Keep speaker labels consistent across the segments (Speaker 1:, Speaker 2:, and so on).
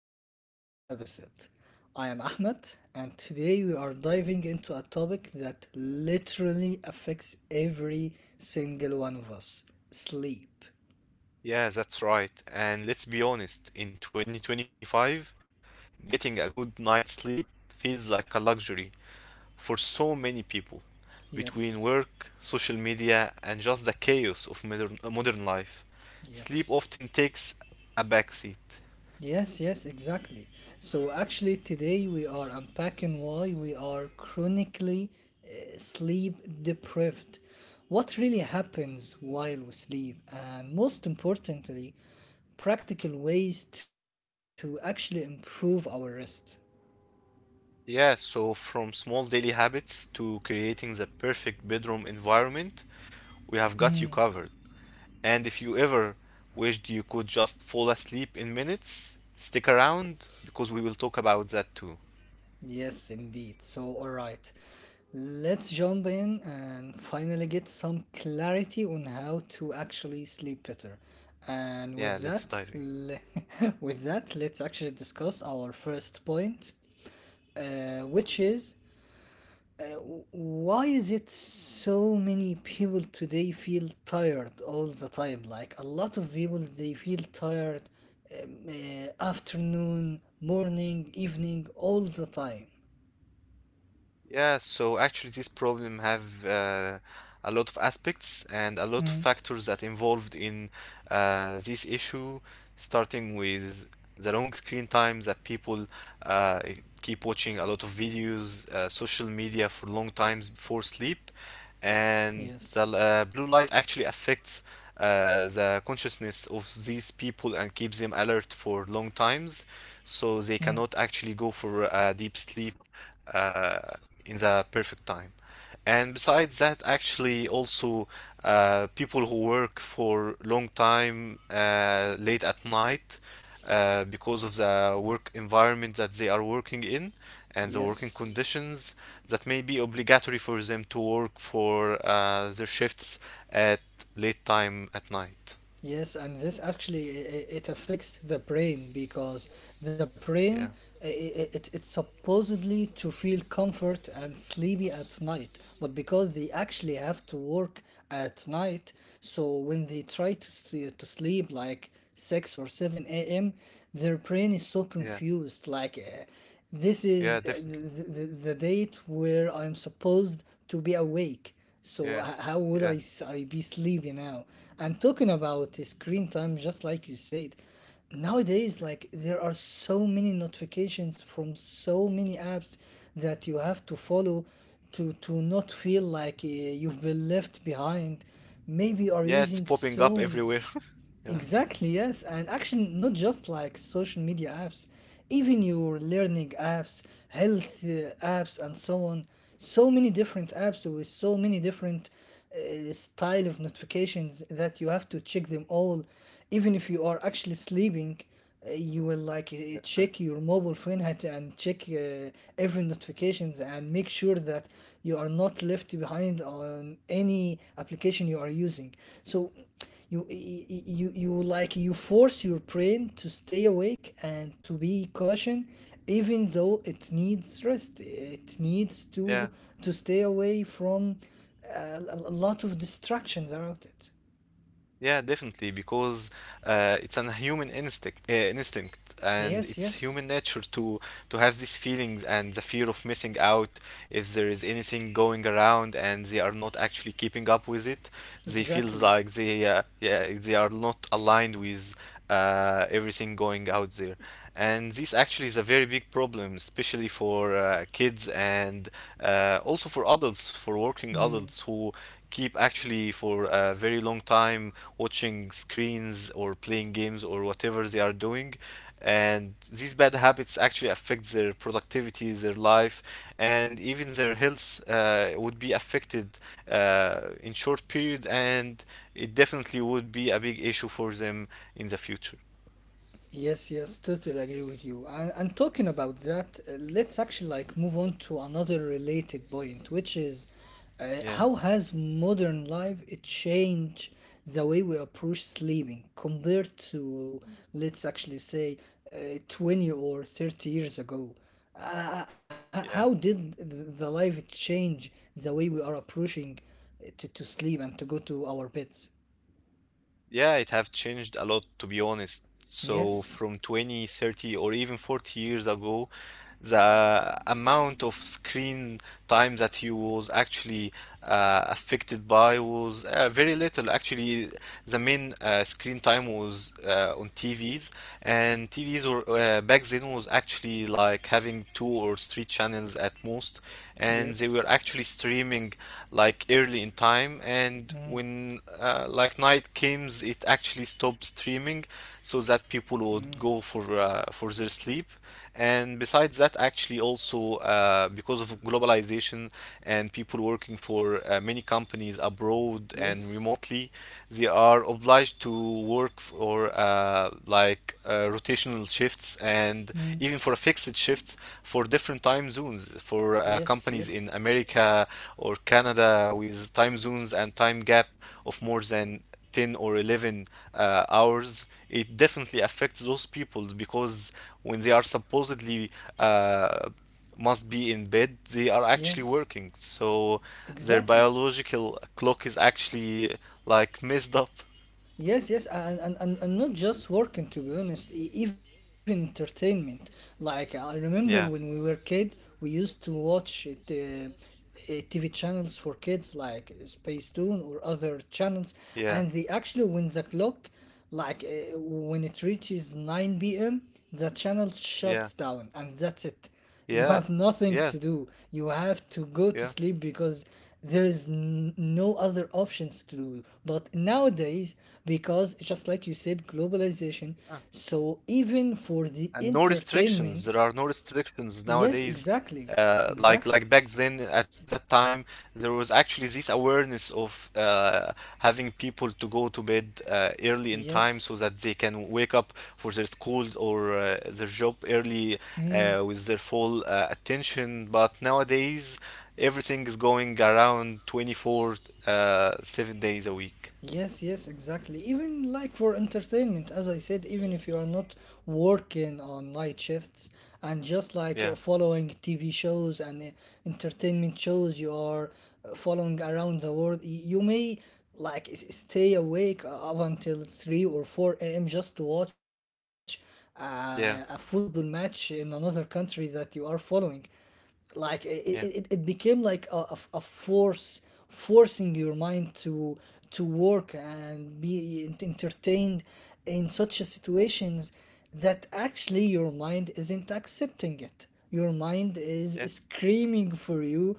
Speaker 1: back to another episode. I am Ahmed, and today we are diving into a topic that literally affects every single one of us sleep.
Speaker 2: Yeah, that's right. And let's be honest, in 2025, getting a good night's sleep feels like a luxury for so many people.
Speaker 1: Yes,
Speaker 2: Between work, social media, and just the chaos of modern life, sleep
Speaker 1: yes.
Speaker 2: often takes a backseat.
Speaker 1: Yes, yes, exactly. So, actually, today we are unpacking why we are chronically sleep deprived, what really happens while we sleep, and most importantly, practical ways to actually improve our rest.
Speaker 2: Yeah, so from small daily habits to creating the perfect bedroom environment, we
Speaker 1: Hmm.
Speaker 2: have got you covered. And if you ever wished you could just fall asleep in minutes, stick around because we will talk about that too.
Speaker 1: Yes, indeed. So, all right, let's jump in and finally get some clarity on how to actually sleep better. And
Speaker 2: Yeah,
Speaker 1: with
Speaker 2: let's
Speaker 1: that,
Speaker 2: dive in.
Speaker 1: with that, let's actually discuss our first point, which is why is it so many people today feel tired all the time? Like a lot of people, they feel tired afternoon, morning, evening, all the time.
Speaker 2: Yeah, so actually this problem have a lot of aspects and a lot of
Speaker 1: Mm.
Speaker 2: factors that involved in this issue, starting with the long screen time that people uh, keep watching a lot of videos, social media for long times before sleep,
Speaker 1: Yes.
Speaker 2: and the blue light actually affects the consciousness of these people and keeps them alert for long times,
Speaker 1: Mm.
Speaker 2: so they cannot actually go for deep sleep uh, in the perfect time. And besides that, actually, also people who work for long time late at night because of the work environment that they are working in and the working
Speaker 1: Yes.
Speaker 2: conditions that may be obligatory for them to work for their shifts at late time at night.
Speaker 1: Yes, and this actually it affects the brain because the brain
Speaker 2: Yeah,
Speaker 1: it's supposedly to feel comfort and sleepy at night, but because they actually have to work at night, so when they try to to sleep like 6 or 7 a.m., their brain is so
Speaker 2: yeah,
Speaker 1: confused like this
Speaker 2: yeah,
Speaker 1: is
Speaker 2: definitely.
Speaker 1: the date where I'm supposed to be awake. So
Speaker 2: Yeah,
Speaker 1: how would
Speaker 2: yeah,
Speaker 1: I be sleepy now? And talking about the screen time, just like you said, nowadays like there are so many notifications from so many apps that you have to follow to not feel like you've been left behind. Maybe you are
Speaker 2: yeah. It's
Speaker 1: using
Speaker 2: popping
Speaker 1: so
Speaker 2: up everywhere. Yeah,
Speaker 1: exactly, yes. And actually, not just like social media apps, even your learning apps, health apps, and so on. So many different
Speaker 2: yeah,
Speaker 1: apps with so many different style of notifications that you have to check them all. Even if you are actually sleeping, you will like
Speaker 2: yeah,
Speaker 1: check your mobile phone and check every notifications and make sure that you are not left behind on any application you are using. So you like you force your brain to stay awake and to be caution even though it needs rest, it needs
Speaker 2: yeah.
Speaker 1: to stay away from a lot of distractions around it.
Speaker 2: Yeah, definitely, because it's an human instinct, and
Speaker 1: Yes,
Speaker 2: it's
Speaker 1: yes,
Speaker 2: human nature to have these feelings and the fear of missing out if there is anything going around and they are not actually keeping up with it. They feel
Speaker 1: exactly.
Speaker 2: like they are not aligned with everything going out there, and this actually is a very big problem, especially for kids and also for adults, for working
Speaker 1: Mm.
Speaker 2: adults who keep actually for a very long time watching screens or playing games or whatever they are doing, and these bad habits actually affect their productivity, their life, and even their health would be affected in short period, and it definitely would be a big issue for them in the future.
Speaker 1: Yes, yes, totally agree with you. And, talking about that, let's actually like move on to another related point, which is
Speaker 2: Yeah,
Speaker 1: how has modern life it changed the way we approach sleeping compared to let's actually say 20 or 30 years ago?
Speaker 2: yeah.
Speaker 1: How did the life it change the way we are approaching to sleep and to go to our beds?
Speaker 2: Yeah, it have changed a lot to be honest. So from
Speaker 1: Yes,
Speaker 2: 20, 30 or even 40 years ago, the amount of screen time that you was actually affected by was very little. Actually, the main screen time was on TVs, and TVs were back then was actually like having two or three channels at most, and they were
Speaker 1: yes.
Speaker 2: actually streaming like early in time. And
Speaker 1: Mm,
Speaker 2: when like night comes, it actually stop streaming so that
Speaker 1: mm.
Speaker 2: people would go for their sleep. And besides that actually also because of globalization and people working for many companies abroad
Speaker 1: Yes.
Speaker 2: and remotely, they are obliged to work for uh, like rotational shifts, and
Speaker 1: Mm.
Speaker 2: even for fixed shifts for different time zones for
Speaker 1: Yes,
Speaker 2: companies
Speaker 1: yes,
Speaker 2: in America or Canada with time zones and time gap of more than 10 or 11 hours. It definitely affects those people because when they are supposedly uh, must be in bed, they are actually
Speaker 1: yes,
Speaker 2: working, so their
Speaker 1: exactly.
Speaker 2: biological clock is actually like messed up.
Speaker 1: Yes, yes, and not just working, to be honest, even entertainment. Like, I remember when we
Speaker 2: Yeah,
Speaker 1: were kid, we used to watch TV channels for kids like Space Tune or other channels,
Speaker 2: yeah,
Speaker 1: and they actually, when the clock, like when it reaches 9 p.m., the channel
Speaker 2: yeah,
Speaker 1: shuts down, and that's it. You
Speaker 2: yeah,
Speaker 1: have nothing
Speaker 2: yeah,
Speaker 1: to do. You have to go to
Speaker 2: yeah.
Speaker 1: sleep because there is no other options to do. But nowadays, because just like you said, globalization, so even for the
Speaker 2: And no restrictions.
Speaker 1: entertainment,
Speaker 2: There are no restrictions
Speaker 1: yes,
Speaker 2: nowadays.
Speaker 1: exactly,
Speaker 2: Uh, like
Speaker 1: exactly,
Speaker 2: like back then at that time there was actually this awareness of having people to go to bed early in time so
Speaker 1: yes.
Speaker 2: that they can wake up for their school or their job early
Speaker 1: Hmm.
Speaker 2: with their full attention. But nowadays everything is going around 24 7 days a week.
Speaker 1: Yes, yes, exactly. Even like for entertainment, as I said, even if you are not working on night shifts and just like
Speaker 2: Yeah,
Speaker 1: following TV shows and entertainment shows you are following around the world, y- you may like s- stay awake up until 3 or 4 a.m. just to watch a football
Speaker 2: yeah,
Speaker 1: match in another country that you are following like it, it,
Speaker 2: yeah,
Speaker 1: it became like a force forcing your mind to work and be ent- entertained in such a situations that actually your mind isn't accepting it your mind is
Speaker 2: yeah,
Speaker 1: screaming for you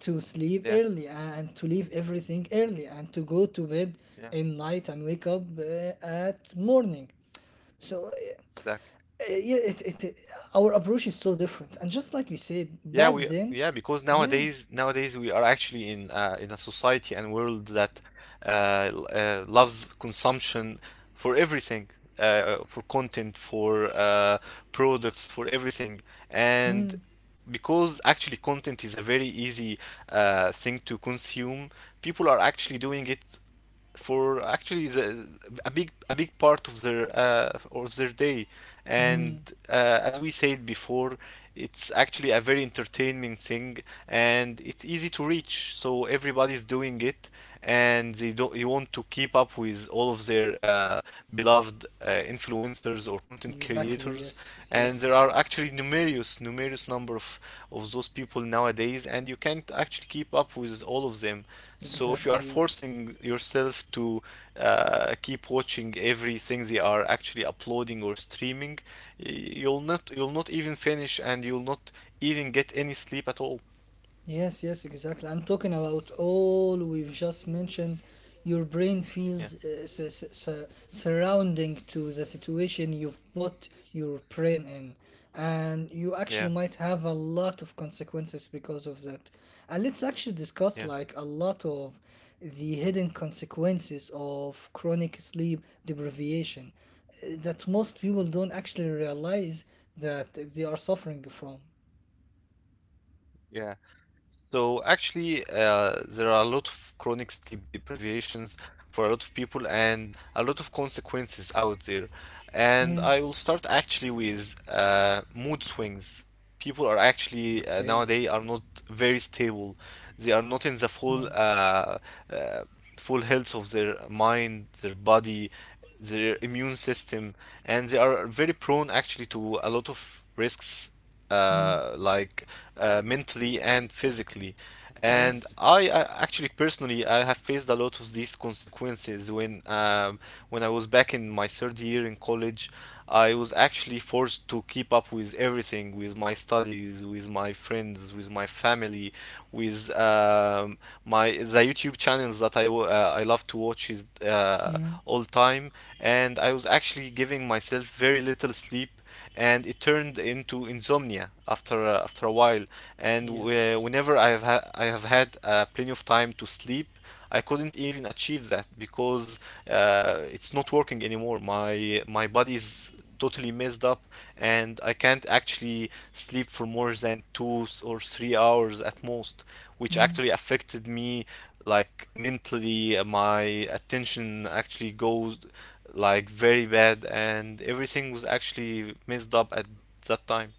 Speaker 1: to sleep
Speaker 2: yeah,
Speaker 1: early and to leave everything early and to go to bed
Speaker 2: yeah,
Speaker 1: in night and wake up at morning so
Speaker 2: exactly.
Speaker 1: yeah, it- our approach is so different. And just like you said,
Speaker 2: Yeah,
Speaker 1: back
Speaker 2: we
Speaker 1: then,
Speaker 2: yeah because
Speaker 1: yeah.
Speaker 2: nowadays we are actually in a society and world that uh, loves consumption for everything, for content, for products, for everything. And
Speaker 1: Mm,
Speaker 2: because actually content is a very easy thing to consume, people are actually doing it for actually a big part of their day. And
Speaker 1: mm,
Speaker 2: as we said before, it's actually a very entertaining thing, and it's easy to reach, so everybody's doing it. And they don't you want to keep up with all of their beloved influencers or content
Speaker 1: exactly,
Speaker 2: creators.
Speaker 1: yes,
Speaker 2: And there
Speaker 1: yes.
Speaker 2: are actually numerous number of those people nowadays, and you can't actually keep up with all of them. So if you are
Speaker 1: Exactly, yes.
Speaker 2: forcing yourself to keep watching everything they are actually uploading or streaming, you'll not even finish and you'll not even get any sleep at all.
Speaker 1: Yes, yes, exactly. I'm talking about all we've just mentioned. Your brain
Speaker 2: Yeah,
Speaker 1: feels surrounding to the situation you've put your brain in, and you
Speaker 2: yeah,
Speaker 1: actually might have a lot of consequences because of that. And let's actually
Speaker 2: yeah,
Speaker 1: discuss like a lot of the hidden consequences of chronic sleep deprivation that most people don't actually realize that they are suffering from.
Speaker 2: yeah. So actually, there are a lot of chronic sleep deprivations for a lot of people and a lot of consequences out there. And
Speaker 1: Mm.
Speaker 2: I will start actually with mood swings. People are
Speaker 1: Okay.
Speaker 2: actually nowadays are not very stable. They are not
Speaker 1: Hmm.
Speaker 2: in the uh, full health of their mind, their body, their immune system, and they are very prone actually to a lot of risks,
Speaker 1: Mm,
Speaker 2: like mentally and physically. And
Speaker 1: yes.
Speaker 2: I actually personally I have faced a lot of these consequences when I was back in my third year in college. I was actually forced to keep up with everything, with my studies, with my friends, with my family, with my the YouTube channels that I love to watch is
Speaker 1: Mm,
Speaker 2: all time, and I was actually giving myself very little sleep, and it turned into insomnia after a while. And whe-
Speaker 1: yes.
Speaker 2: whenever I have had plenty of time to sleep, I couldn't even achieve that because it's not working anymore. My body's totally messed up, and I can't actually sleep for more than or 3 hours at most, which actually
Speaker 1: Mm,
Speaker 2: affected me like mentally. My attention actually goes like very bad, and everything was actually messed up at that time.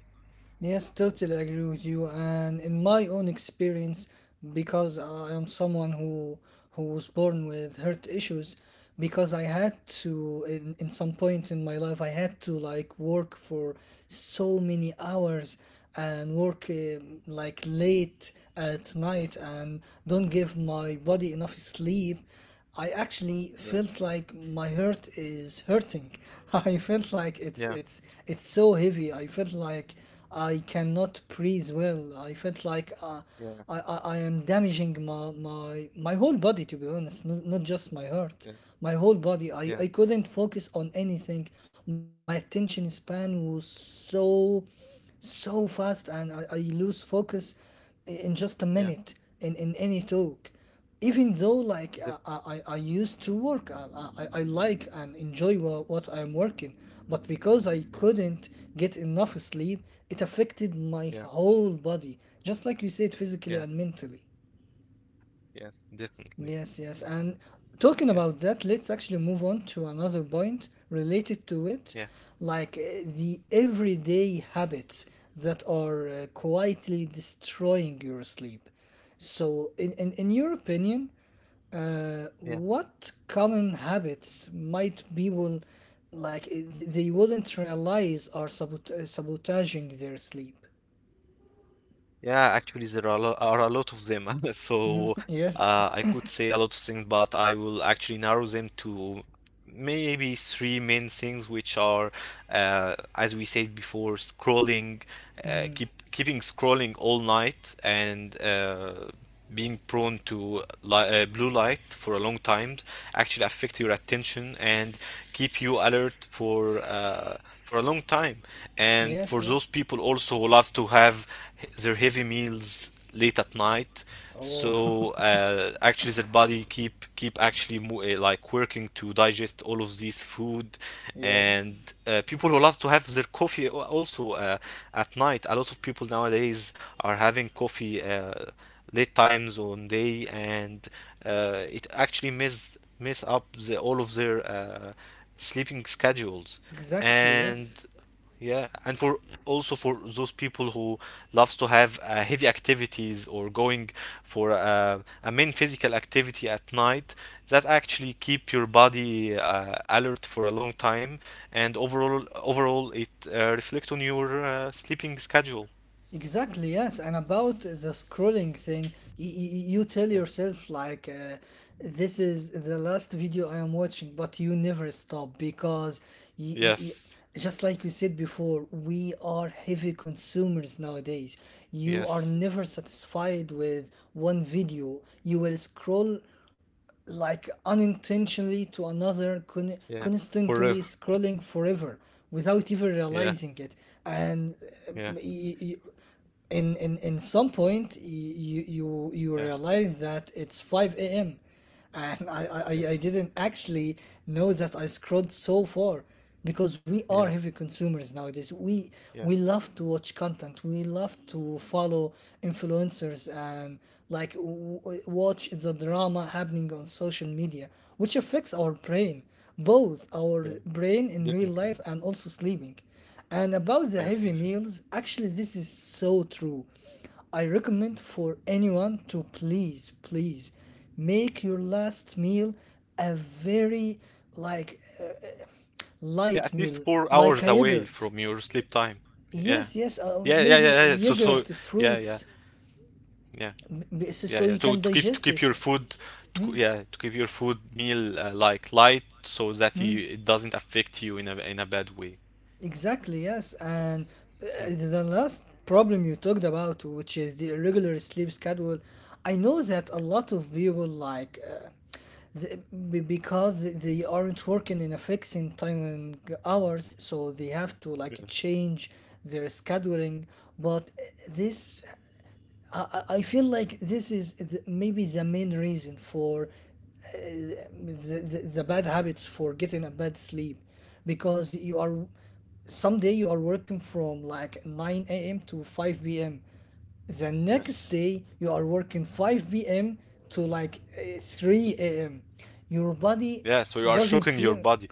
Speaker 1: yes, totally agree with you. And in my own experience, because I am someone who was born with heart issues, because I had to in some point in my life I had to like work for so many hours and work like late at night and don't give my body enough sleep, I actually
Speaker 2: Yeah,
Speaker 1: felt like my heart is hurting. I felt like
Speaker 2: yeah,
Speaker 1: it's so heavy. I felt like I cannot breathe well. I felt like
Speaker 2: yeah,
Speaker 1: I am damaging my whole body, to be honest, not, not just my heart.
Speaker 2: yes,
Speaker 1: My whole body.
Speaker 2: yeah,
Speaker 1: I couldn't focus on anything. My attention span was so so fast and I lose focus in just a
Speaker 2: yeah,
Speaker 1: minute in any talk even though like
Speaker 2: def
Speaker 1: I used to work I like and enjoy what I'm working, but because I
Speaker 2: yeah,
Speaker 1: couldn't get enough sleep it affected my
Speaker 2: yeah,
Speaker 1: whole body, just like you said,
Speaker 2: yeah,
Speaker 1: physically and mentally.
Speaker 2: yes, definitely.
Speaker 1: Yes, yes. And
Speaker 2: Yeah,
Speaker 1: talking about that, let's actually move on to another point related to it,
Speaker 2: yeah,
Speaker 1: like the everyday habits that are quietly destroying your sleep. So, in your opinion,
Speaker 2: yeah.
Speaker 1: what common habits might people like they wouldn't realize are sabotaging their sleep?
Speaker 2: Yeah, actually, there are a lot of them,
Speaker 1: Mm,
Speaker 2: so
Speaker 1: yes.
Speaker 2: I could say a lot of things, but I will actually narrow them to maybe three main things, which are, as we said before, scrolling,
Speaker 1: Mm,
Speaker 2: keeping scrolling all night, and being prone to blue light for a long time actually affect your attention and keep you alert for a long time. And
Speaker 1: yes,
Speaker 2: for those
Speaker 1: yes.
Speaker 2: people also who love to have their heavy meals late at night,
Speaker 1: Oh,
Speaker 2: so actually their body keep actually like working to digest all of this food. And
Speaker 1: yes.
Speaker 2: people who love to have their coffee also at night. A lot of people nowadays are having coffee. Late time zone day, and it actually mess up the all of their sleeping schedules.
Speaker 1: Exactly, yes.
Speaker 2: And yeah, and for also for those people who loves to have heavy activities or going for a main physical activity at night that actually keep your body alert for a long time, and overall it reflect on your sleeping schedule.
Speaker 1: Exactly, yes. And about the scrolling thing, you tell
Speaker 2: Yeah,
Speaker 1: yourself, like, this is the last video I am watching, but you never stop because, y- y- y-
Speaker 2: yes,
Speaker 1: just like you said before, we are heavy consumers nowadays. You are
Speaker 2: yes.
Speaker 1: never satisfied with one video. You will scroll like unintentionally to another
Speaker 2: Yeah. Forever.
Speaker 1: constantly scrolling forever without even
Speaker 2: Yeah.
Speaker 1: realizing it and uh,
Speaker 2: Yeah.
Speaker 1: y- y- in some point you
Speaker 2: Yeah.
Speaker 1: realize that it's 5 a.m and I
Speaker 2: Yes.
Speaker 1: didn't actually know that I scrolled so far because we are
Speaker 2: Yeah.
Speaker 1: heavy consumers nowadays,
Speaker 2: Yeah.
Speaker 1: we love to watch content, we love to follow influencers and like watch the drama happening on social media which affects our brain, both our
Speaker 2: Yeah.
Speaker 1: brain in real life
Speaker 2: Definitely.
Speaker 1: and also sleeping. And about the
Speaker 2: Yes.
Speaker 1: heavy
Speaker 2: Definitely.
Speaker 1: meals, actually, this is so true. I recommend
Speaker 2: Yeah.
Speaker 1: for anyone to please, please make your last meal a very like
Speaker 2: Yeah, at
Speaker 1: light
Speaker 2: least
Speaker 1: meal,
Speaker 2: four
Speaker 1: like
Speaker 2: hours
Speaker 1: a
Speaker 2: away
Speaker 1: yogurt.
Speaker 2: from your sleep time. Yeah.
Speaker 1: Yes, yes,
Speaker 2: Yeah. Yeah.
Speaker 1: maybe
Speaker 2: Yeah. Yeah. So. So.
Speaker 1: yogurt,
Speaker 2: Yeah. Yeah.
Speaker 1: fruits,
Speaker 2: Yeah. Yeah.
Speaker 1: so
Speaker 2: Yeah.
Speaker 1: you
Speaker 2: So
Speaker 1: can
Speaker 2: to keep to
Speaker 1: digest
Speaker 2: keep
Speaker 1: it.
Speaker 2: your food.
Speaker 1: Hmm.
Speaker 2: Yeah. To keep your food meal like light so that
Speaker 1: Hmm.
Speaker 2: you, it doesn't affect you in a bad way.
Speaker 1: Exactly, yes. And
Speaker 2: Hmm.
Speaker 1: the last problem you talked about, which is the irregular sleep schedule, I know that a
Speaker 2: Yeah.
Speaker 1: lot of people like. The- because they aren't working in a fixing time and hours so they have to
Speaker 2: Yeah.
Speaker 1: like change their scheduling but this I feel like this is the, maybe the main reason for the, the bad habits for getting a bad sleep because you are someday you are working from like 9 a.m to 5 p.m, the next
Speaker 2: Yes.
Speaker 1: day you are working 5 p.m to like 3 a.m, your body
Speaker 2: Yeah. So you are
Speaker 1: doesn't
Speaker 2: shocking your
Speaker 1: feel
Speaker 2: body.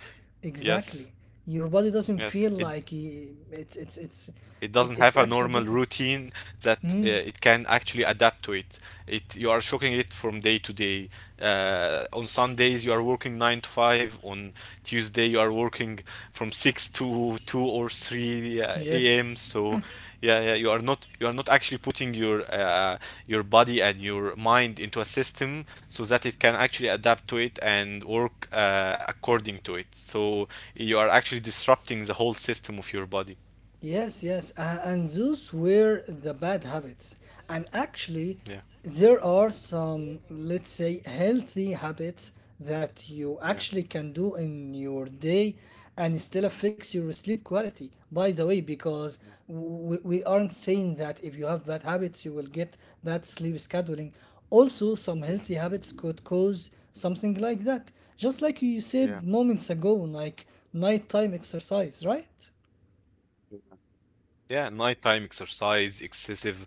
Speaker 2: Yes.
Speaker 1: exactly, your body doesn't
Speaker 2: Yes.
Speaker 1: feel
Speaker 2: It.
Speaker 1: like it's
Speaker 2: it doesn't
Speaker 1: it's
Speaker 2: have a
Speaker 1: actually
Speaker 2: normal
Speaker 1: getting.
Speaker 2: routine that
Speaker 1: Mm,
Speaker 2: it can actually adapt to it. You are shocking it from day to day. On Sundays you are working 9 to 5. On Tuesday you are working from 6 to 2 or 3
Speaker 1: yes.
Speaker 2: a.m. So yeah, yeah, you are not actually putting your body and your mind into a system so that it can actually adapt to it and work according to it. So you are actually disrupting the whole system of your body.
Speaker 1: Yes, yes, and those were the bad habits. And actually,
Speaker 2: Yeah.
Speaker 1: there are some, let's say, healthy habits that you
Speaker 2: Yeah.
Speaker 1: actually can do in your day and still affects your sleep quality. By the way, because
Speaker 2: Yeah,
Speaker 1: we aren't saying that if you have bad habits, you will get bad sleep scheduling. Also, some
Speaker 2: yeah,
Speaker 1: healthy habits could cause something like that. Just like you said
Speaker 2: yeah,
Speaker 1: moments ago, like nighttime exercise, right?
Speaker 2: yeah. Yeah, nighttime exercise, excessive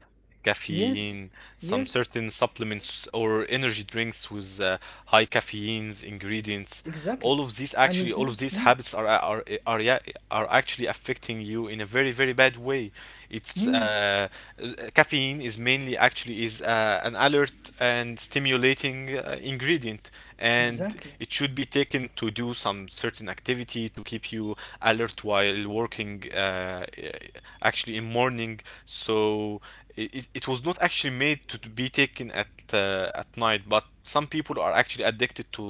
Speaker 1: Yes,
Speaker 2: caffeine, some
Speaker 1: yes,
Speaker 2: certain supplements or energy drinks with high caffeines
Speaker 1: exactly.
Speaker 2: ingredients. All
Speaker 1: And
Speaker 2: of
Speaker 1: you
Speaker 2: these
Speaker 1: think,
Speaker 2: actually,
Speaker 1: mm,
Speaker 2: all of these habits are actually affecting you in a very very bad way. It's
Speaker 1: mm,
Speaker 2: uh, Caffeine is mainly actually is an alert and stimulating ingredient, and
Speaker 1: exactly.
Speaker 2: it should be taken to do some certain activity to keep you alert while working actually in morning. So it was not actually made to be taken at night, but some people are actually addicted to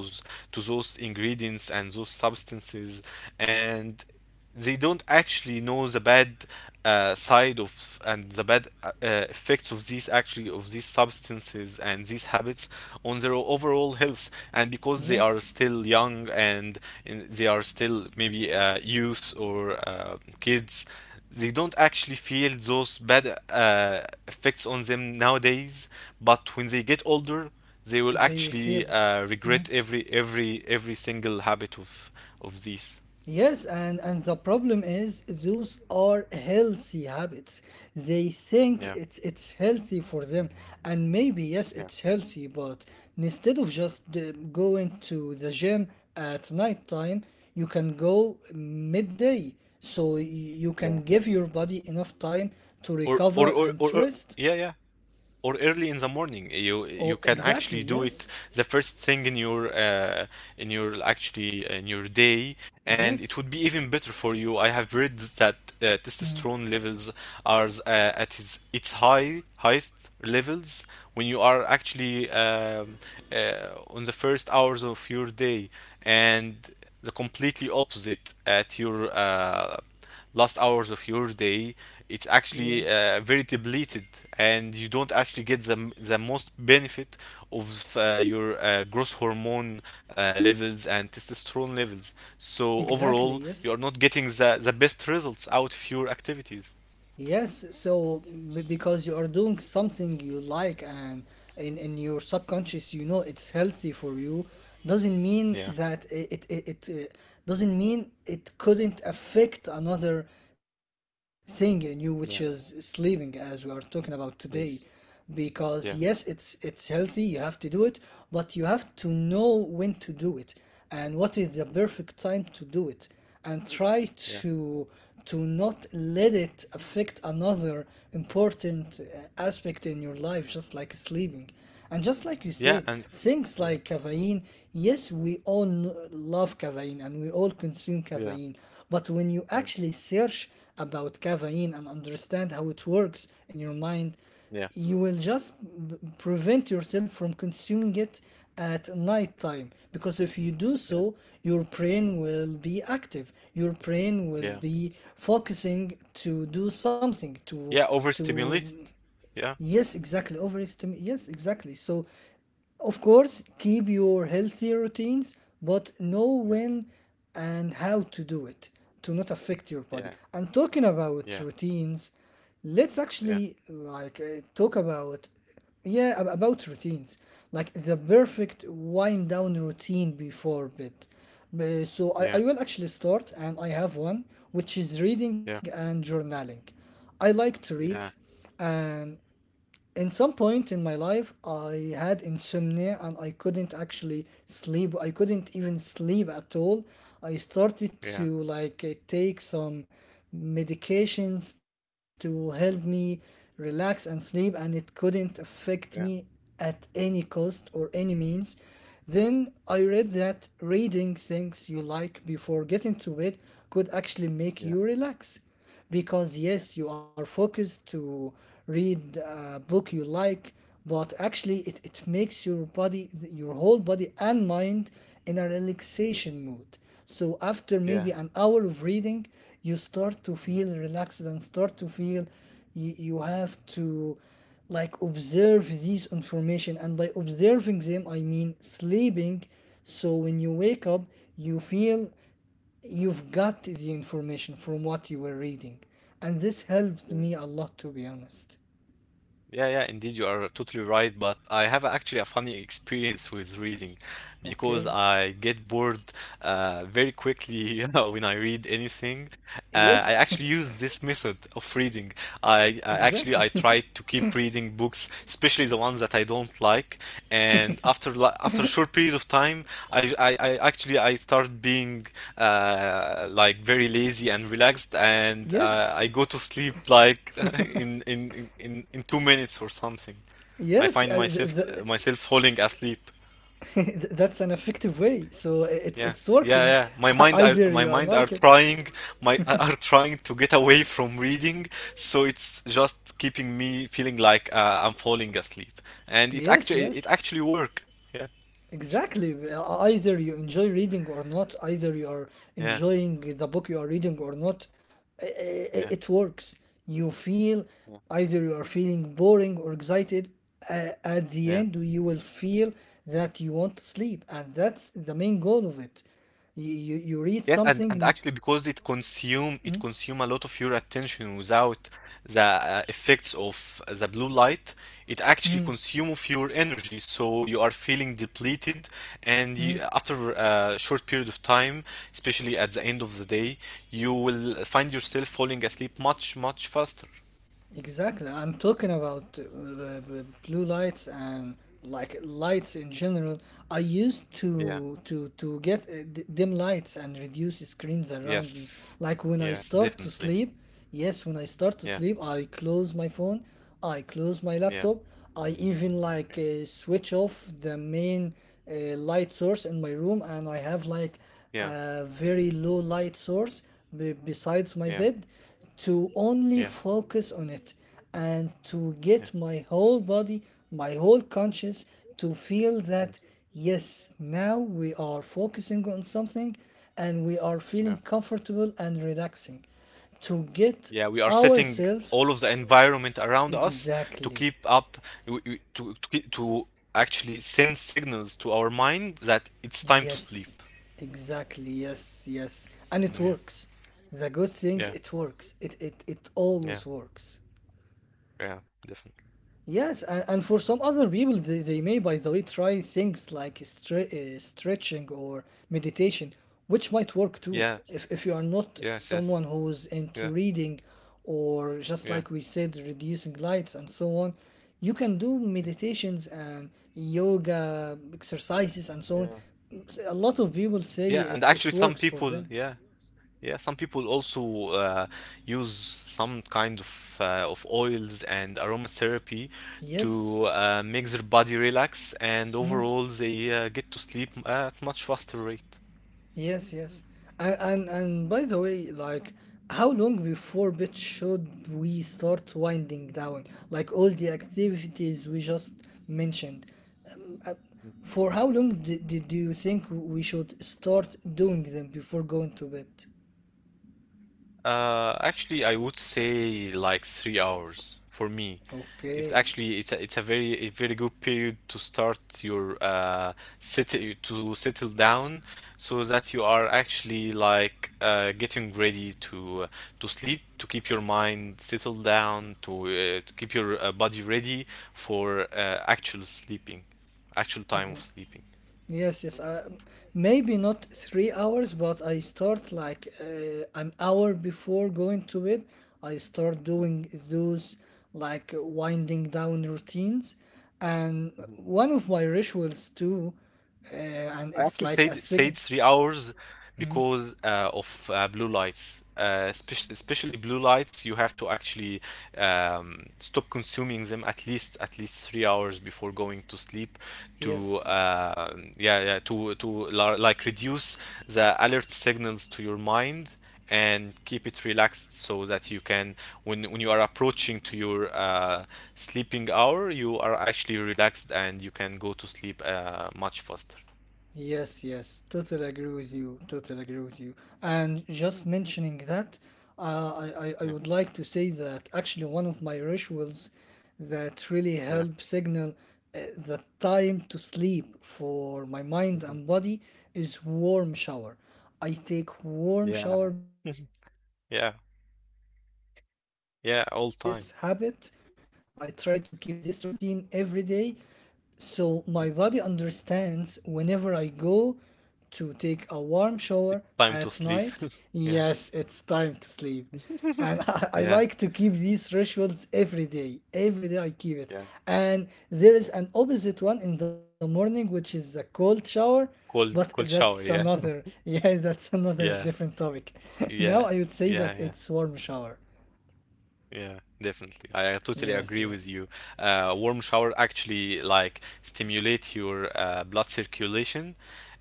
Speaker 2: to those ingredients and those substances, and they don't actually know the bad side of and the bad effects of these actually of these substances and these habits on their overall health. And because they are
Speaker 1: Yes,
Speaker 2: still young, and they are still maybe youth or kids, they don't actually feel those bad effects on them nowadays. But when they get older, they will
Speaker 1: they will feel
Speaker 2: actually
Speaker 1: it. Mm.
Speaker 2: regret every single habit of these.
Speaker 1: Yes, and the problem is those are healthy habits. They think
Speaker 2: Yeah,
Speaker 1: it's healthy for them, and maybe yes,
Speaker 2: yeah,
Speaker 1: it's healthy. But instead of just going to the gym at night time, you can go midday, so you can
Speaker 2: yeah.
Speaker 1: give your body enough time to
Speaker 2: or
Speaker 1: recover
Speaker 2: or or,
Speaker 1: and
Speaker 2: or,
Speaker 1: to
Speaker 2: or
Speaker 1: rest.
Speaker 2: yeah, yeah, or early in the morning you
Speaker 1: Oh,
Speaker 2: can
Speaker 1: exactly.
Speaker 2: actually do it,
Speaker 1: Yes.
Speaker 2: the first thing in your actually in your day, and it
Speaker 1: Yes.
Speaker 2: would be even better for you. I have read that
Speaker 1: Mm.
Speaker 2: testosterone levels are at its highest levels when you are actually on the first hours of your day, and the completely opposite at your last hours of your day, it's
Speaker 1: Yes.
Speaker 2: actually very depleted, and you don't actually get the most benefit of your growth hormone levels and testosterone levels. So
Speaker 1: Exactly.
Speaker 2: overall, you are
Speaker 1: Yes.
Speaker 2: not getting the best results out of your activities.
Speaker 1: Yes, so because you are doing something you like and in your subconscious you know it's healthy for you doesn't mean
Speaker 2: Yeah.
Speaker 1: that it doesn't mean it couldn't affect another thing in you which is
Speaker 2: Yeah.
Speaker 1: sleeping as we are talking about today.
Speaker 2: Yes.
Speaker 1: Because yes, it's
Speaker 2: Yeah.
Speaker 1: it's healthy, you have to do it, but you have to know when to do it and what is the perfect time to do it, and try
Speaker 2: Yeah.
Speaker 1: to not let it affect another important aspect in your life just like sleeping. And just like you
Speaker 2: Yeah.
Speaker 1: said,
Speaker 2: And
Speaker 1: things
Speaker 2: yeah.
Speaker 1: like caffeine, yes, we all love caffeine and we all consume
Speaker 2: Yeah.
Speaker 1: caffeine, but when you
Speaker 2: Yes.
Speaker 1: actually search about caffeine and understand how it works in your mind,
Speaker 2: Yeah.
Speaker 1: you will just prevent yourself from consuming it at night time, because if you do
Speaker 2: Yeah.
Speaker 1: so, your brain will be active, your brain will
Speaker 2: Yeah.
Speaker 1: be focusing to do something to
Speaker 2: Yeah,
Speaker 1: to
Speaker 2: overstimulated. Yeah.
Speaker 1: Yes, exactly. Overestimate. Yes, exactly. So, of course, keep your healthy routines, but know
Speaker 2: Yeah.
Speaker 1: when and how to do it to not affect your
Speaker 2: Yeah.
Speaker 1: body. And talking
Speaker 2: Yeah.
Speaker 1: about routines, let's
Speaker 2: Yeah.
Speaker 1: actually talk about, yeah, about routines, like the perfect wind down routine before bed. Uh, So I,
Speaker 2: Yeah.
Speaker 1: I will actually start, and I have one, which is reading
Speaker 2: Yeah.
Speaker 1: and journaling. I like to read,
Speaker 2: Yeah.
Speaker 1: and in some point in my life I had insomnia and I couldn't actually sleep, I couldn't even sleep at all. I started
Speaker 2: Yeah.
Speaker 1: to like take some medications to help me relax and sleep, and it couldn't affect me
Speaker 2: Yeah.
Speaker 1: at any cost or any means. Then I read that reading things you like before getting to bed could actually make
Speaker 2: Yeah,
Speaker 1: you relax, because
Speaker 2: yeah,
Speaker 1: yes, you are focused to read a book you like, but actually it makes your body, your whole body and mind, in a
Speaker 2: yeah,
Speaker 1: relaxation mood. So after
Speaker 2: yeah,
Speaker 1: maybe an hour of reading, you start to
Speaker 2: mm,
Speaker 1: feel relaxed and start to feel, you have to like observe these information, and by observing them I mean sleeping. So when you wake up you feel you've got the information from what you were reading, and this helped
Speaker 2: yeah.
Speaker 1: me a lot, to be honest.
Speaker 2: Yeah, yeah, indeed, you are totally right. But I have actually a funny experience with reading because
Speaker 1: Okay.
Speaker 2: I get bored very quickly when I read anything. I
Speaker 1: Yes.
Speaker 2: actually use this method of reading. I, I actually
Speaker 1: Exactly.
Speaker 2: I try to keep reading books, especially the ones that I don't like. And after a short period of time, I actually I start being like very lazy and relaxed, and
Speaker 1: Yes,
Speaker 2: I go to sleep like in 2 minutes or something.
Speaker 1: yes.
Speaker 2: I find myself falling asleep.
Speaker 1: That's an effective way, so it's
Speaker 2: Yeah.
Speaker 1: it's
Speaker 2: Yeah,
Speaker 1: working.
Speaker 2: yeah.
Speaker 1: Either you
Speaker 2: My
Speaker 1: are
Speaker 2: mind are
Speaker 1: like it.
Speaker 2: trying, my are trying to get away from reading, so it's just keeping me feeling like I'm falling asleep. And
Speaker 1: Yes, yes.
Speaker 2: it actually work. Yeah.
Speaker 1: Exactly. Either you enjoy reading or not, either you are
Speaker 2: Yeah.
Speaker 1: enjoying the book you are reading or not, i- i-
Speaker 2: Yeah.
Speaker 1: it works. You feel,
Speaker 2: Yeah.
Speaker 1: either you are feeling boring or excited. At the
Speaker 2: Yeah.
Speaker 1: end, you will feel that you want to sleep, and that's the main goal of it. You read
Speaker 2: Yes, and
Speaker 1: something.
Speaker 2: actually because
Speaker 1: Mm.
Speaker 2: it consume a lot of your attention without the effects of the blue light, it
Speaker 1: Mm.
Speaker 2: actually consume of your energy, so you are feeling depleted, and
Speaker 1: Mm.
Speaker 2: you, after a short period of time, especially at the end of the day, you will find yourself falling asleep much, much faster.
Speaker 1: Exactly. I'm talking about the blue lights and like lights in general. I used to
Speaker 2: Yeah.
Speaker 1: to to get dim lights and reduce screens around me.
Speaker 2: Yes.
Speaker 1: Like when I
Speaker 2: Yes,
Speaker 1: start to
Speaker 2: definitely.
Speaker 1: sleep, yes, when I start to
Speaker 2: Yeah.
Speaker 1: sleep, I close my phone, I close my
Speaker 2: Yeah.
Speaker 1: laptop, I even like
Speaker 2: Yeah.
Speaker 1: switch off the main light source in my room, and I have like
Speaker 2: Yeah.
Speaker 1: a very low light source besides my
Speaker 2: Yeah.
Speaker 1: bed to only
Speaker 2: Yeah.
Speaker 1: focus on it, and to get
Speaker 2: Yeah.
Speaker 1: my whole body, my whole conscious, to feel that
Speaker 2: Mm.
Speaker 1: yes, now we are focusing on something and we are
Speaker 2: Yeah.
Speaker 1: feeling comfortable and relaxing. To get
Speaker 2: Yeah, we are setting all
Speaker 1: ourselves,
Speaker 2: of the environment around us to
Speaker 1: exactly,
Speaker 2: keep up, to actually send signals to our mind that it's time to sleep.
Speaker 1: yes, exactly, yes, yes, and it
Speaker 2: Yeah,
Speaker 1: works. The good thing,
Speaker 2: yeah,
Speaker 1: it works. It
Speaker 2: yeah,
Speaker 1: always works.
Speaker 2: yeah, definitely.
Speaker 1: Yes, and for some other people, they may, by the way, try things like stretching or meditation, which might work too.
Speaker 2: Yeah,
Speaker 1: If you are not
Speaker 2: yes, yes,
Speaker 1: someone who's into
Speaker 2: yeah,
Speaker 1: reading or just
Speaker 2: yeah,
Speaker 1: like we said, reducing lights and so on, you can do meditations and yoga exercises and so on.
Speaker 2: yeah.
Speaker 1: A lot of people say
Speaker 2: Yeah, and
Speaker 1: it,
Speaker 2: actually,
Speaker 1: it
Speaker 2: some
Speaker 1: works for
Speaker 2: people,
Speaker 1: them.
Speaker 2: yeah. Yeah, some people also use some kind of oils and aromatherapy
Speaker 1: Yes.
Speaker 2: to make their body relax, and
Speaker 1: Hmm?
Speaker 2: overall they get to sleep at much faster rate.
Speaker 1: Yes, yes. And by the way, like how long before bed should we start winding down? Like all the activities we just mentioned. Um, uh, for how long do you think we should start doing them before going to bed?
Speaker 2: Actually, I would say like 3 hours for me. It's
Speaker 1: Okay.
Speaker 2: actually it's a very good period to start your settle to settle down, so that you are actually like getting ready to sleep, to keep your mind settled down, to keep your body ready for actual sleeping, actual time of sleeping.
Speaker 1: Yes, yes. Maybe not 3 hours, but I start like an hour before going to bed. I start
Speaker 2: Mhm,
Speaker 1: doing those like winding down routines. And
Speaker 2: mhm.
Speaker 1: one of my rituals too, and
Speaker 2: I
Speaker 1: it's
Speaker 2: actually
Speaker 1: like
Speaker 2: stayed
Speaker 1: a
Speaker 2: stayed
Speaker 1: sign.
Speaker 2: 3 hours
Speaker 1: Mm,
Speaker 2: because of blue lights. Especially, especially blue lights, you have to actually stop consuming them at least 3 hours before going to sleep to
Speaker 1: yes.
Speaker 2: yeah, yeah, like reduce the alert signals to your mind and keep it relaxed, so that you can, when you are approaching to your sleeping hour, you are actually relaxed and you can go to sleep much faster.
Speaker 1: Yes, yes, totally agree with you. Totally agree with you. And just mentioning that, I would like to say that actually one of my rituals that really
Speaker 2: Yeah.
Speaker 1: help signal the time to sleep for my mind
Speaker 2: Mhm.
Speaker 1: and body is warm shower. I take warm shower
Speaker 2: Yeah.
Speaker 1: before going to sleep
Speaker 2: Yeah.
Speaker 1: every day, and I try
Speaker 2: Yeah,
Speaker 1: to
Speaker 2: all
Speaker 1: keep
Speaker 2: time.
Speaker 1: this habit. I try to keep this routine every day, so my
Speaker 2: Mm.
Speaker 1: body understands whenever I go to take a warm shower
Speaker 2: It's time to
Speaker 1: at
Speaker 2: sleep.
Speaker 1: night,
Speaker 2: Yeah.
Speaker 1: yes, it's time to sleep. And I
Speaker 2: Yeah.
Speaker 1: like to keep these rituals every day. Every day I keep it.
Speaker 2: Yeah.
Speaker 1: And there is an opposite one in the morning, which is the cold shower. But
Speaker 2: Cold
Speaker 1: that's
Speaker 2: shower, yeah.
Speaker 1: another, yeah, that's another
Speaker 2: Yeah.
Speaker 1: different topic. Now I
Speaker 2: Yeah.
Speaker 1: would say that
Speaker 2: Yeah, yeah.
Speaker 1: it's warm shower.
Speaker 2: Yeah, definitely. I totally
Speaker 1: Yes,
Speaker 2: agree
Speaker 1: yes,
Speaker 2: with you. Warm shower actually like stimulate your blood circulation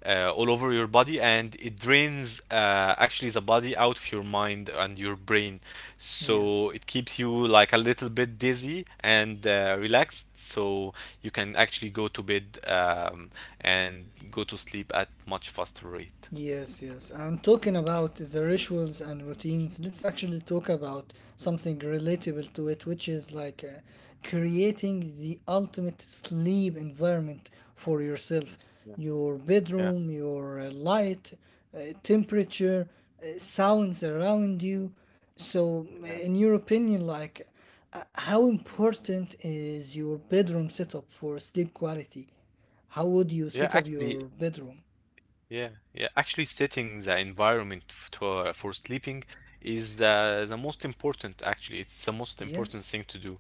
Speaker 2: all over your body, and it drains actually the body out of your mind and your brain. So
Speaker 1: yes.
Speaker 2: it keeps you like a little bit dizzy and relaxed, so you can actually go to bed and go to sleep at much faster rate.
Speaker 1: Yes, yes. And talking about the rituals and routines, let's actually talk about something relatable to it, which is like creating the ultimate sleep environment for yourself.
Speaker 2: Yeah,
Speaker 1: Your
Speaker 2: yeah,
Speaker 1: bedroom, your light, temperature, sounds around you. So,
Speaker 2: yeah.
Speaker 1: in your opinion, like, how important is your bedroom setup for sleep quality? How would you
Speaker 2: Yeah,
Speaker 1: set up your
Speaker 2: actually.
Speaker 1: bedroom?
Speaker 2: Yeah, yeah. Actually, setting the environment for sleeping is the most important, actually it's the most important
Speaker 1: Yes?
Speaker 2: thing to do,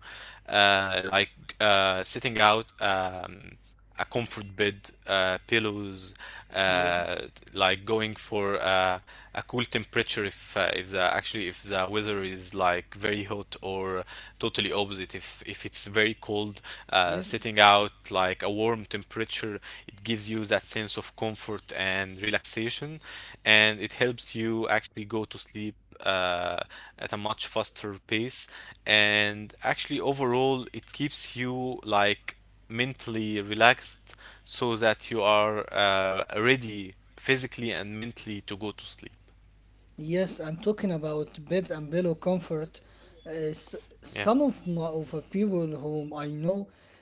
Speaker 2: like setting out a comfort bed, pillows, uh,
Speaker 1: Yes,
Speaker 2: like going for a cool temperature, if the actually if the weather is like very hot, or totally opposite if it's very cold,
Speaker 1: yes,
Speaker 2: setting out like a warm temperature. It gives you that sense of comfort and relaxation, and it helps you actually go to sleep uh, at a much faster pace. And actually, overall, it keeps you like mentally relaxed, so that you are ready physically and mentally to go to sleep.
Speaker 1: yes. I'm talking about bed and pillow comfort. Uh, s- some
Speaker 2: Yeah,
Speaker 1: of my of the people whom I know,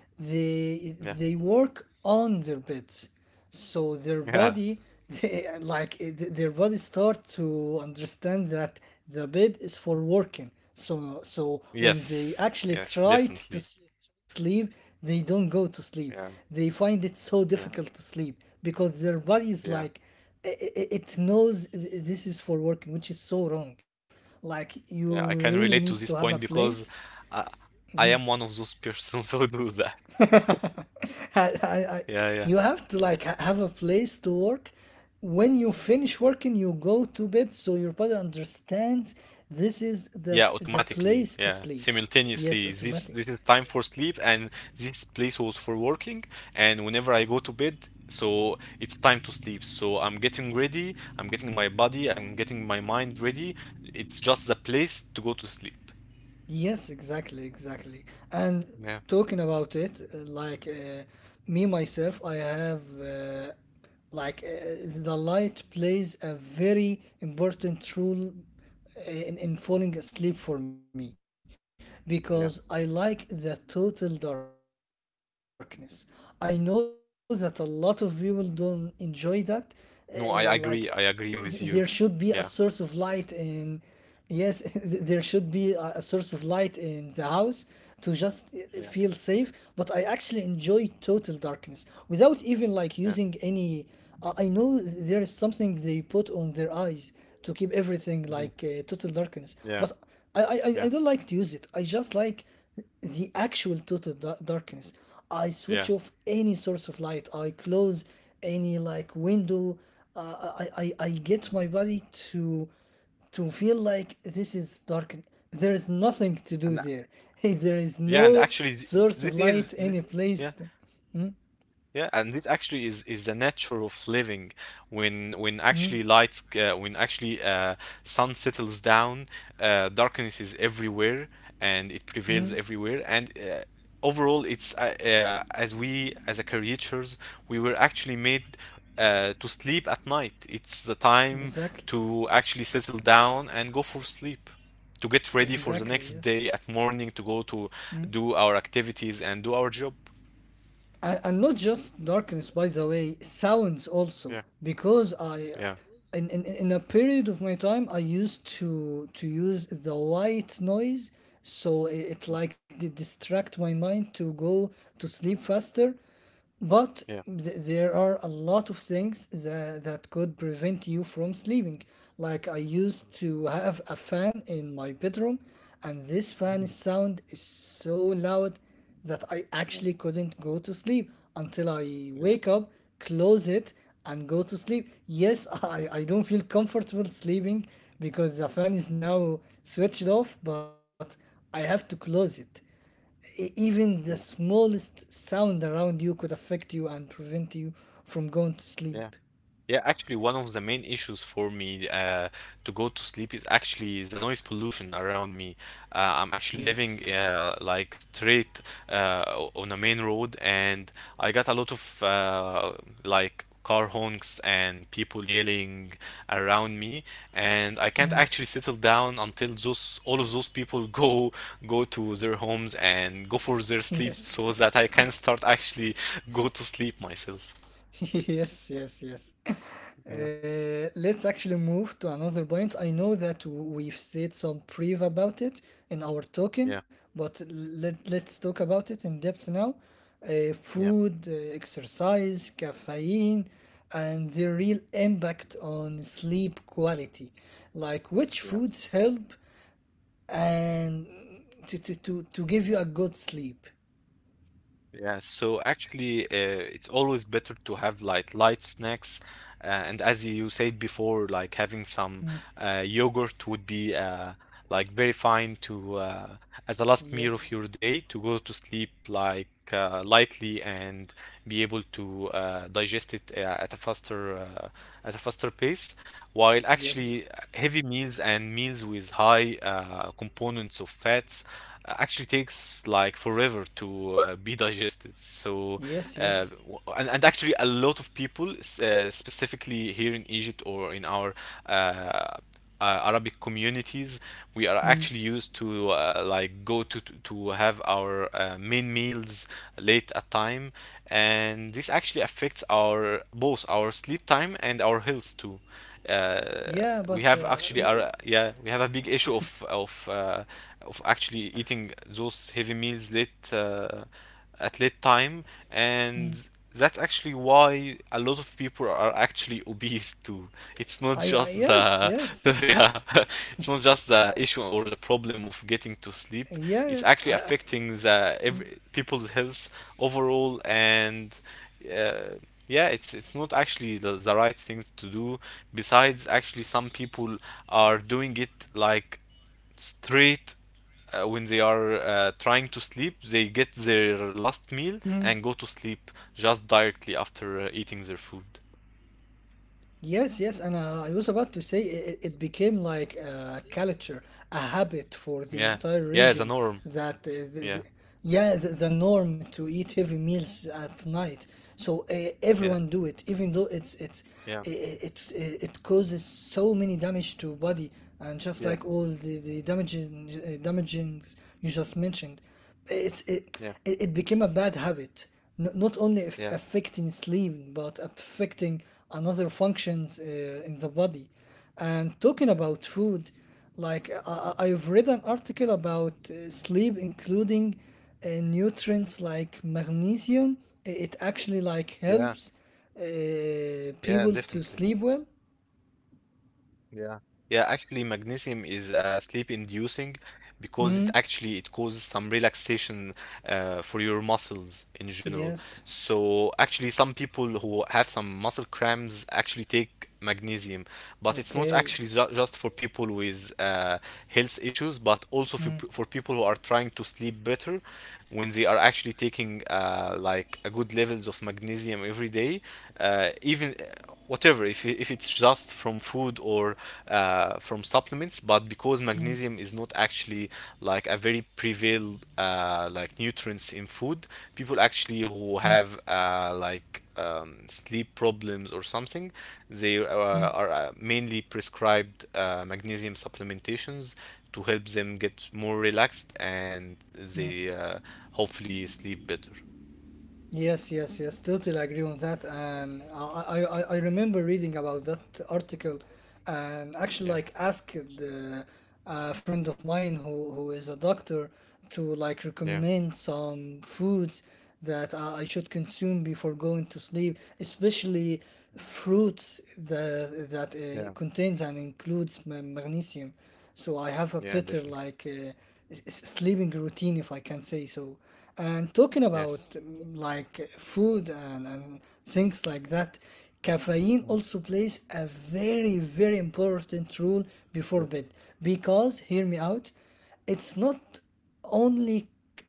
Speaker 2: yeah,
Speaker 1: they work on their beds, so their
Speaker 2: yeah.
Speaker 1: body, they, like their body start to understand that the bed is for working. So so when they
Speaker 2: Yes,
Speaker 1: actually
Speaker 2: yes,
Speaker 1: try to
Speaker 2: definitely.
Speaker 1: sleep, they don't go to sleep. They find
Speaker 2: Yeah,
Speaker 1: it so difficult to
Speaker 2: yeah,
Speaker 1: sleep because their body is like
Speaker 2: yeah,
Speaker 1: it knows this is for working, which is so wrong. Like you really
Speaker 2: yeah. I
Speaker 1: need to
Speaker 2: can
Speaker 1: have a
Speaker 2: relate to this
Speaker 1: place.
Speaker 2: point because I, I am one of those persons who do that.
Speaker 1: I, I, I, you
Speaker 2: Yeah, yeah.
Speaker 1: have to like have a place to work. When you finish working, you go to bed, so your body understands this is the
Speaker 2: Yeah,
Speaker 1: the
Speaker 2: automatically.
Speaker 1: place to
Speaker 2: Yeah,
Speaker 1: sleep. Yes,
Speaker 2: simultaneously.
Speaker 1: automatic.
Speaker 2: This is time for sleep, and this place was for working. And whenever I go to bed, so it's time to sleep. So I'm getting ready. I'm getting my body. I'm getting my mind ready. It's just the place to go to sleep.
Speaker 1: Yes, exactly, exactly. And
Speaker 2: Yeah,
Speaker 1: talking about it, me myself, I have like uh, the light plays a very important role in falling asleep for me because I like
Speaker 2: yeah.
Speaker 1: the total darkness. I know that a lot of people don't enjoy
Speaker 2: Mm.
Speaker 1: that. eh, like there should be a source of
Speaker 2: No, I
Speaker 1: light
Speaker 2: agree. I
Speaker 1: in,
Speaker 2: agree with you.
Speaker 1: yes,
Speaker 2: Yeah,
Speaker 1: there should be a source of light in the house to just feel safe, but I actually enjoy
Speaker 2: yeah,
Speaker 1: total darkness without even like using any. I know there
Speaker 2: yeah,
Speaker 1: is something they put on their eyes to keep everything like total darkness, but
Speaker 2: mhm,
Speaker 1: I don't like to use
Speaker 2: yeah,
Speaker 1: it. I just like
Speaker 2: yeah,
Speaker 1: the actual darkness. I switch off any source of
Speaker 2: yeah.
Speaker 1: light. I close any like window. Uh, I get my body to to feel like this is dark. There is nothing to do there. Hey,
Speaker 2: And a-
Speaker 1: there is no
Speaker 2: yeah, and
Speaker 1: source of
Speaker 2: actually,
Speaker 1: light any
Speaker 2: this is
Speaker 1: place.
Speaker 2: this.
Speaker 1: To.
Speaker 2: Yeah.
Speaker 1: Mm,
Speaker 2: Yeah, and this actually is the nature of living. When
Speaker 1: mm,
Speaker 2: actually lights when actually sun settles down, darkness is everywhere and it
Speaker 1: mm.
Speaker 2: prevails everywhere. And overall, it's as we as a creatures, we were actually made to sleep at night. It's the time
Speaker 1: Exactly.
Speaker 2: to actually settle down and go for sleep, to get ready for the
Speaker 1: Exactly.
Speaker 2: next
Speaker 1: Yes.
Speaker 2: day at morning to go to
Speaker 1: Hmm?
Speaker 2: do our activities and do our job.
Speaker 1: And not just darkness, by the way, sounds also,
Speaker 2: Yeah,
Speaker 1: because I,
Speaker 2: yeah,
Speaker 1: in a period of my time I used to use the white noise, so it like did distract my mind to go to sleep faster. But
Speaker 2: yeah.
Speaker 1: there are a lot of things that, that could prevent you from sleeping. Like I used to have a fan in my bedroom, and this fan
Speaker 2: Mhm.
Speaker 1: sound is so loud that I
Speaker 2: Yeah,
Speaker 1: actually couldn't go to sleep until I
Speaker 2: yeah,
Speaker 1: wake up, close it, and go to sleep. Yes, I don't feel comfortable sleeping because the fan is now switched off, but I have to close it. Even
Speaker 2: yeah,
Speaker 1: the smallest sound around you could affect you and prevent you from going to
Speaker 2: yeah.
Speaker 1: sleep.
Speaker 2: Yeah, actually, one of the main issues for me to go to sleep is actually the noise pollution around me. I'm actually living
Speaker 1: Yes.
Speaker 2: like straight on a main road, and I got a lot of like car honks and people yelling around me, and I can't
Speaker 1: Mm.
Speaker 2: actually settle down until those all of those people go go to their homes and go for their sleep,
Speaker 1: Yes.
Speaker 2: so that I can start actually go to sleep myself.
Speaker 1: Yes, yes, yes.
Speaker 2: Yeah,
Speaker 1: Let's actually move to another point. I know that we've said some brief about it in our talking,
Speaker 2: yeah,
Speaker 1: but let's talk about it in depth now. Food, exercise, caffeine, and the
Speaker 2: yeah.
Speaker 1: real impact on sleep quality. Like which
Speaker 2: Yeah.
Speaker 1: foods help and to give you a good sleep.
Speaker 2: Yeah, so actually, it's always better to have like light snacks, and as you said before, like having some
Speaker 1: Hmm.
Speaker 2: yogurt would be like very fine to as a last
Speaker 1: Yes,
Speaker 2: meal of your day to go to sleep like lightly and be able to digest it at a faster pace. While actually,
Speaker 1: yes,
Speaker 2: heavy meals and meals with high components of fats actually takes like forever to be digested. So,
Speaker 1: yes, yes.
Speaker 2: and actually, a lot of people, specifically here in Egypt, or in our uh, uh, Arabic communities, we are actually
Speaker 1: Hmm.
Speaker 2: used to like go to have our main meals late at time, and this actually affects our both our sleep time and our health too. uh,
Speaker 1: Yeah,
Speaker 2: we have
Speaker 1: but
Speaker 2: actually our yeah, we have a big issue of of actually eating those heavy meals late at late time, and that's actually why a lot of people are actually obese too. It's not just
Speaker 1: I
Speaker 2: the,
Speaker 1: yes,
Speaker 2: the yeah,
Speaker 1: yes,
Speaker 2: It's not just the issue or the problem of getting to sleep, it's
Speaker 1: yeah,
Speaker 2: actually
Speaker 1: I,
Speaker 2: affecting the every, people's health overall, and yeah, it's not actually the right thing to do. Besides, actually, some people are doing it like straight when they are trying to sleep. They get their
Speaker 1: mm,
Speaker 2: last meal and go to sleep just directly after eating their food.
Speaker 1: yes, yes, and I was about to say it, it became like a culture, a habit for the entire
Speaker 2: Yeah,
Speaker 1: region
Speaker 2: yeah, the norm.
Speaker 1: that
Speaker 2: Yeah,
Speaker 1: yeah, the norm to eat heavy meals at night. So everyone
Speaker 2: yeah,
Speaker 1: do it, even though it's it's i-
Speaker 2: yeah,
Speaker 1: i- it I- it causes so many damage to body, and just
Speaker 2: yeah,
Speaker 1: like all the damaging damagings you just mentioned. It's it
Speaker 2: yeah,
Speaker 1: it It became a bad habit. N- not only if
Speaker 2: yeah,
Speaker 1: affecting sleep but affecting another functions in the body. And talking about food, like I've read an article about sleep, including nutrients like magnesium. It actually like
Speaker 2: yeah,
Speaker 1: helps
Speaker 2: yeah,
Speaker 1: people to
Speaker 2: definitely.
Speaker 1: sleep well.
Speaker 2: Yeah. Yeah, actually, magnesium is sleep-inducing because
Speaker 1: Mm,
Speaker 2: it causes some relaxation for your muscles in general.
Speaker 1: yes.
Speaker 2: So actually, some people who have some muscle cramps actually take magnesium, but it's not
Speaker 1: Okay.
Speaker 2: actually just for people with health issues, but also for,
Speaker 1: Mm,
Speaker 2: for people who are trying to sleep better when they are actually taking like a good levels of magnesium every day, even whatever if it's just from food or from supplements, but because
Speaker 1: mm,
Speaker 2: magnesium is not actually like a very prevalent like nutrients in food, people
Speaker 1: mm,
Speaker 2: actually who have sleep problems or something, they are mainly prescribed magnesium supplementations to help them get more relaxed, and
Speaker 1: mm.
Speaker 2: they hopefully sleep better.
Speaker 1: Yes, yes, yes, totally agree on that. And I remember reading about that article and actually
Speaker 2: Yeah,
Speaker 1: like asked a friend of mine who is a doctor to like
Speaker 2: yeah,
Speaker 1: recommend some foods that I should consume before going to sleep, especially fruits that
Speaker 2: yeah,
Speaker 1: contains and includes magnesium. So I have a
Speaker 2: yeah,
Speaker 1: better
Speaker 2: definitely.
Speaker 1: like sleeping routine, if I can say so. And talking
Speaker 2: Yes.
Speaker 1: about like food and things like that, caffeine
Speaker 2: Mhm.
Speaker 1: also plays a very very important role before bed because hear me out, it's not only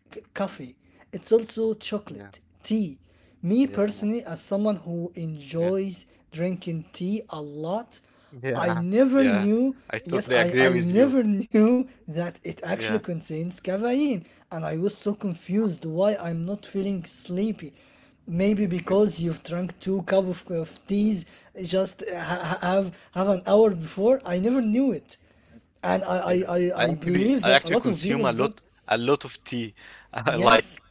Speaker 1: c- coffee. It's also
Speaker 2: Yeah,
Speaker 1: chocolate, tea. Me
Speaker 2: yeah, yeah,
Speaker 1: personally, as someone who
Speaker 2: yeah,
Speaker 1: enjoys drinking tea a lot, I
Speaker 2: yeah.
Speaker 1: never
Speaker 2: Yeah,
Speaker 1: knew,
Speaker 2: I
Speaker 1: yes,
Speaker 2: totally
Speaker 1: I,
Speaker 2: agree
Speaker 1: I
Speaker 2: with you.
Speaker 1: never knew that it
Speaker 2: Yeah.
Speaker 1: actually contains caffeine. And I was so confused why I'm not feeling sleepy maybe because you've drunk two cup of teas just have an hour before. I never knew it. And I, I
Speaker 2: Yeah,
Speaker 1: i
Speaker 2: I
Speaker 1: i
Speaker 2: actually
Speaker 1: believe
Speaker 2: I
Speaker 1: that a
Speaker 2: actually
Speaker 1: lot of people
Speaker 2: consume a
Speaker 1: don't.
Speaker 2: lot a lot of tea.
Speaker 1: Yes,
Speaker 2: Like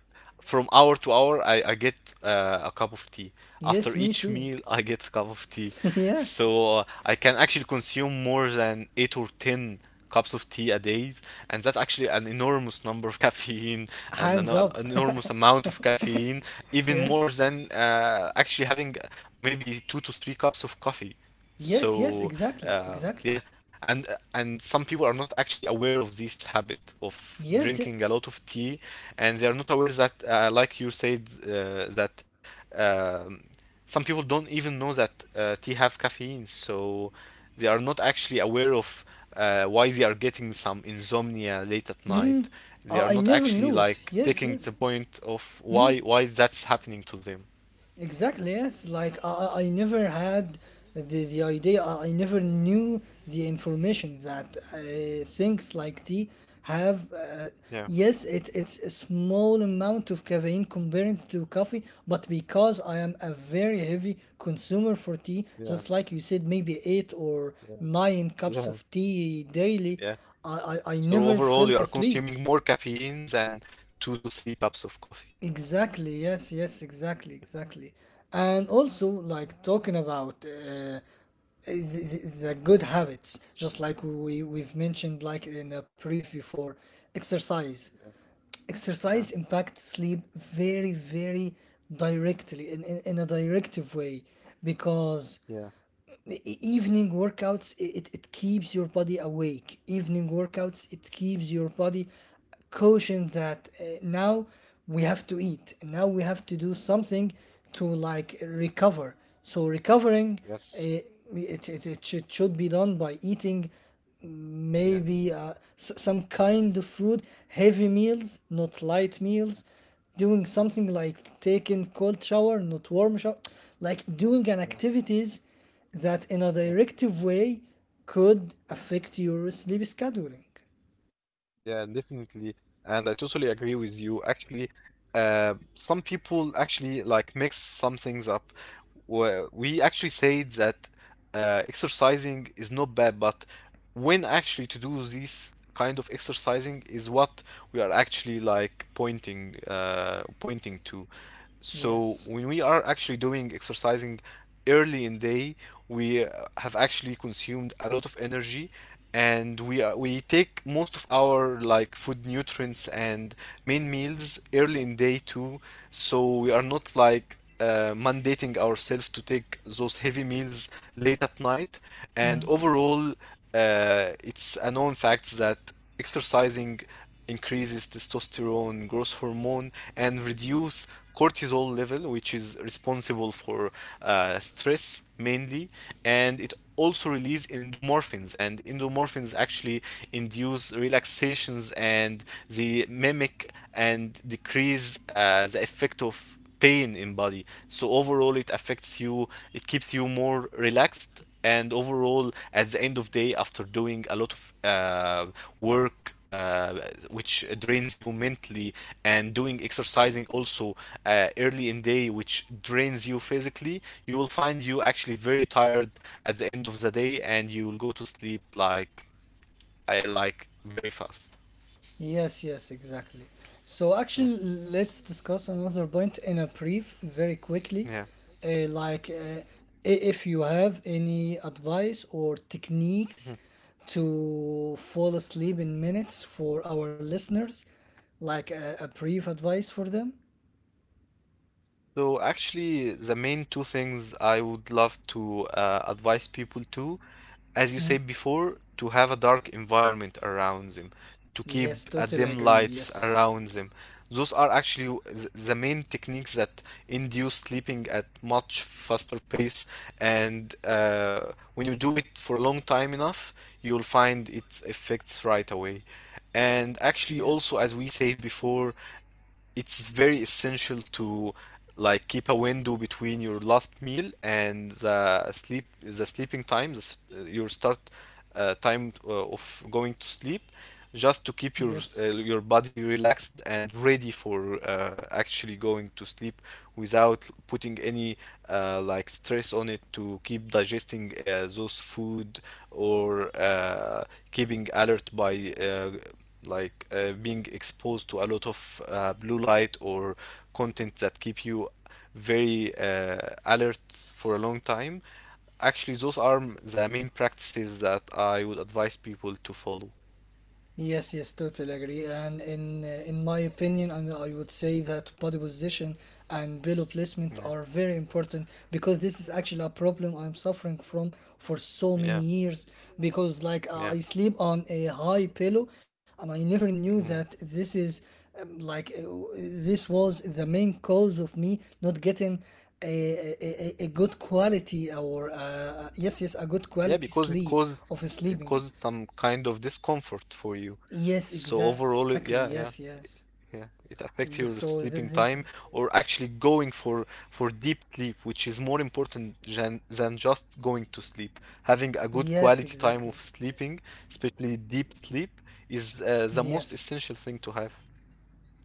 Speaker 2: from hour to hour, I get a cup of tea. After
Speaker 1: yes, me
Speaker 2: each
Speaker 1: too.
Speaker 2: meal, I get a cup of tea.
Speaker 1: yes,
Speaker 2: So I can actually consume more than eight or ten cups of tea a day, and that's actually an enormous number of caffeine and an,
Speaker 1: hands up.
Speaker 2: an enormous amount of caffeine, even
Speaker 1: yes,
Speaker 2: more than actually having maybe two to three cups of coffee.
Speaker 1: yes, yes,
Speaker 2: So
Speaker 1: exactly,
Speaker 2: uh,
Speaker 1: exactly.
Speaker 2: yeah, and and some people are not actually aware of this habit of
Speaker 1: Yes, yeah.
Speaker 2: drinking a lot of tea, and they are not aware that, like you said, that um, some people don't even know that tea have caffeine, so they are not actually aware of why they are getting some insomnia late at
Speaker 1: Mm.
Speaker 2: night. They are
Speaker 1: I
Speaker 2: not
Speaker 1: never
Speaker 2: actually
Speaker 1: knew it.
Speaker 2: like
Speaker 1: Yes,
Speaker 2: taking the
Speaker 1: yes.
Speaker 2: point of
Speaker 1: Mm.
Speaker 2: why that's happening to them.
Speaker 1: Exactly, yes. Like I never had the idea, I never knew the information that things like tea have.
Speaker 2: Yeah,
Speaker 1: Yes, it's a small amount of caffeine comparing to coffee, but because I am a very heavy consumer for tea,
Speaker 2: yeah,
Speaker 1: just like you said, maybe eight or
Speaker 2: yeah,
Speaker 1: nine cups
Speaker 2: yeah,
Speaker 1: of tea daily,
Speaker 2: yeah.
Speaker 1: I
Speaker 2: So
Speaker 1: never
Speaker 2: overall,
Speaker 1: felt
Speaker 2: you are
Speaker 1: asleep.
Speaker 2: consuming more caffeine than two to three cups of coffee.
Speaker 1: Exactly, yes, yes, exactly, exactly. And also, like talking about the good habits, just like we've mentioned, like in a brief before, exercise.
Speaker 2: Yeah, yeah,
Speaker 1: Exercise impacts sleep very, very directly, in a directive way, because
Speaker 2: yeah,
Speaker 1: evening workouts it keeps your body awake. Evening workouts, it keeps your body cautioned that now we have to eat, now we have to do something to like recover. So recovering,
Speaker 2: yes,
Speaker 1: uh, it should be done by eating
Speaker 2: yeah,
Speaker 1: maybe some kind of food, heavy meals not light meals, doing
Speaker 2: yeah,
Speaker 1: something like taking cold shower not warm shower, like doing an
Speaker 2: yeah,
Speaker 1: activities that in a
Speaker 2: yeah,
Speaker 1: directive way could
Speaker 2: yeah.
Speaker 1: affect your sleep scheduling.
Speaker 2: Yeah, definitely. And I totally agree with you. Actually, some people actually like mix some things up. We actually say that exercising is not bad, but when actually to do this kind of exercising is what we are actually like pointing to. So
Speaker 1: Yes.
Speaker 2: when we are actually doing exercising early in day, we have actually consumed a lot of energy, and we take most of our like food nutrients and main meals early in day two, so we are not like mandating ourselves to take those heavy meals late at night. And
Speaker 1: Mm.
Speaker 2: overall, it's a known fact that exercising increases testosterone growth hormone and reduce cortisol level, which is responsible for stress mainly, and it also release endomorphins, and endomorphins actually induce relaxations, and they mimic and decrease the effect of pain in body. So overall it affects you, it keeps you more relaxed, and overall at the end of day, after doing a lot of uh, work, uh, which drains you mentally, and doing exercising also early in day, which drains you physically, you will find you actually very tired at the end of the day, and you will go to sleep like I like very fast.
Speaker 1: Yes, yes, exactly. So
Speaker 2: Yeah,
Speaker 1: actually, let's discuss another point in a brief, very quickly.
Speaker 2: yeah.
Speaker 1: Like, if you have any advice or techniques to fall asleep in minutes for our listeners, like a brief advice for them.
Speaker 2: So actually, the main two things I would love to advise people to, as you said
Speaker 1: Mm.
Speaker 2: before, to have a dark environment around them, to keep
Speaker 1: Yes,
Speaker 2: a
Speaker 1: totally
Speaker 2: dim
Speaker 1: agree.
Speaker 2: lights
Speaker 1: Yes,
Speaker 2: around them. Those are actually the main techniques that induce sleeping at much faster pace, and when you do it for a long time enough, you'll find its effects right away. And actually,
Speaker 1: yes,
Speaker 2: also as we said before, it's very essential to like keep a window between your last meal and the sleep the sleeping time the, s- your start time of going to sleep, just to keep
Speaker 1: yes.
Speaker 2: your body relaxed and ready for actually going to sleep without putting any like stress on it to keep digesting those food or keeping alert by being exposed to a lot of blue light or content that keep you very alert for a long time. Actually those are the main practices that I would advise people to follow.
Speaker 1: Yes, yes, totally agree. And in my opinion, and I would say that body position and pillow
Speaker 2: Yeah,
Speaker 1: placement are very important because this is actually a problem I'm suffering from for so
Speaker 2: yeah,
Speaker 1: many years. Because like
Speaker 2: yeah,
Speaker 1: I sleep on a high pillow, and I never knew
Speaker 2: mhm.
Speaker 1: that this is like this was the main cause of me not getting a good quality or yes, yes, a good
Speaker 2: Yeah,
Speaker 1: quality
Speaker 2: because it
Speaker 1: sleep
Speaker 2: causes
Speaker 1: of
Speaker 2: it
Speaker 1: sleeping.
Speaker 2: causes some kind of discomfort for you.
Speaker 1: Yes,
Speaker 2: So
Speaker 1: exactly.
Speaker 2: overall
Speaker 1: Yes,
Speaker 2: yeah, yeah.
Speaker 1: yes.
Speaker 2: Yeah, it affects your
Speaker 1: So
Speaker 2: sleeping
Speaker 1: this,
Speaker 2: time, or actually going for deep sleep, which is more important than just going to sleep. Having a good
Speaker 1: yes,
Speaker 2: quality time
Speaker 1: exactly.
Speaker 2: of sleeping, especially deep sleep, is the most
Speaker 1: Yes,
Speaker 2: essential thing to have.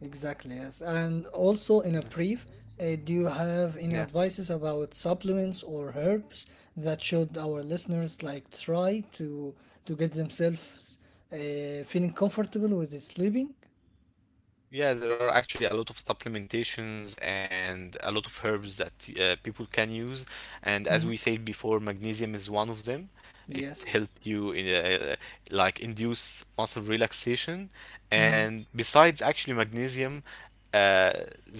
Speaker 1: exactly. Yes, and also in
Speaker 2: Yeah.
Speaker 1: a brief, do you have any
Speaker 2: Yeah.
Speaker 1: advices about supplements or herbs that should our listeners like try to get themselves feeling comfortable with sleeping?
Speaker 2: Yeah, there are actually a lot of supplementations and a lot of herbs that people can use, and as
Speaker 1: Mm.
Speaker 2: we said before, magnesium is one of them. It helps
Speaker 1: Yes.
Speaker 2: you in like induce muscle relaxation,
Speaker 1: Mm.
Speaker 2: and besides actually magnesium, uh,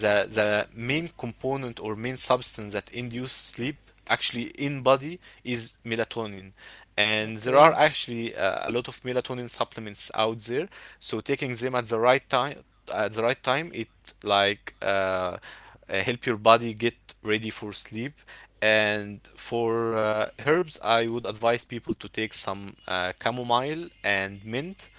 Speaker 2: the main component or main substance that induce sleep actually in body is melatonin, and there are
Speaker 1: Okay.
Speaker 2: actually a lot of melatonin supplements out there, so taking them at the right time, at the right time, it like uh, help your body get ready for sleep. And for herbs, I would advise people to take some chamomile and mint.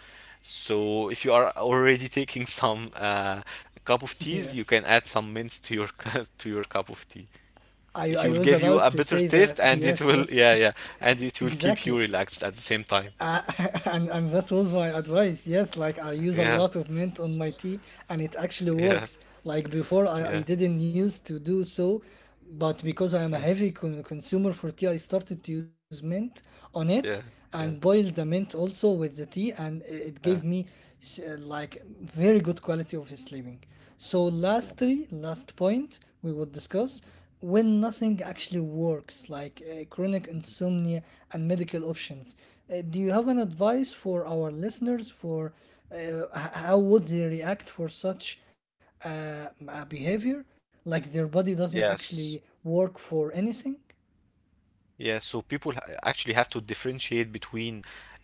Speaker 2: So if you are already taking some cup of
Speaker 1: Yes.
Speaker 2: teas, you can add some mint to your to your cup of tea.
Speaker 1: I
Speaker 2: It
Speaker 1: was
Speaker 2: will give
Speaker 1: about
Speaker 2: you
Speaker 1: to
Speaker 2: a
Speaker 1: say
Speaker 2: better
Speaker 1: that.
Speaker 2: taste, and
Speaker 1: Yes.
Speaker 2: it will
Speaker 1: Yes.
Speaker 2: yeah, yeah, and it will keep you
Speaker 1: Exactly.
Speaker 2: relaxed at the same time.
Speaker 1: Uh, and that was my advice. Yes, like I use a
Speaker 2: Yeah,
Speaker 1: lot of mint on my tea, and it actually
Speaker 2: yeah,
Speaker 1: works. Like before,
Speaker 2: yeah,
Speaker 1: I,
Speaker 2: yeah,
Speaker 1: I didn't use to do so, but because I am a heavy consumer for tea, I started to use mint on it
Speaker 2: yeah, yeah, yeah,
Speaker 1: and boiled the mint also with the tea, and it gave me like very good quality of sleeping. So
Speaker 2: yeah.
Speaker 1: lastly, last point we would discuss when nothing actually works, like chronic
Speaker 2: Mhm.
Speaker 1: insomnia and medical options. Do you have an advice for our listeners for how would they react for such a behavior? Like their body doesn't
Speaker 2: Yes.
Speaker 1: actually work for anything?
Speaker 2: Yeah, so people actually have to differentiate between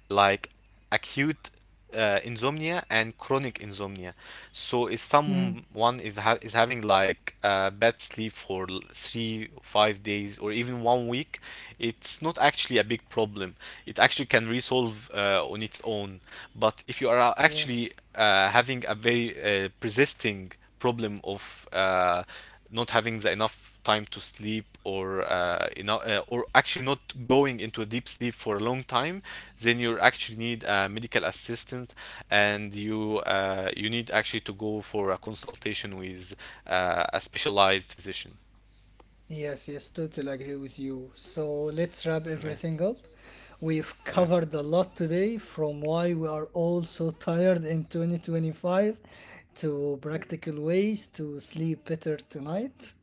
Speaker 2: like acute insomnia and chronic insomnia. So if
Speaker 1: Mm,
Speaker 2: someone is ha is having like bad sleep for three, 5 days, or even 1 week, it's not actually a big problem. It actually can resolve on its own. But if you are
Speaker 1: yes.
Speaker 2: actually having a very persisting problem of not having the enough time to sleep, or or actually not going into a deep sleep for a long time, then you actually need a medical assistant, and you need actually to go for a consultation with a specialized physician.
Speaker 1: Yes, yes, totally agree with you. So let's wrap
Speaker 2: Yeah,
Speaker 1: everything up. We've
Speaker 2: yeah.
Speaker 1: covered a lot today from why we are all so tired in 2025 to practical ways to sleep better tonight.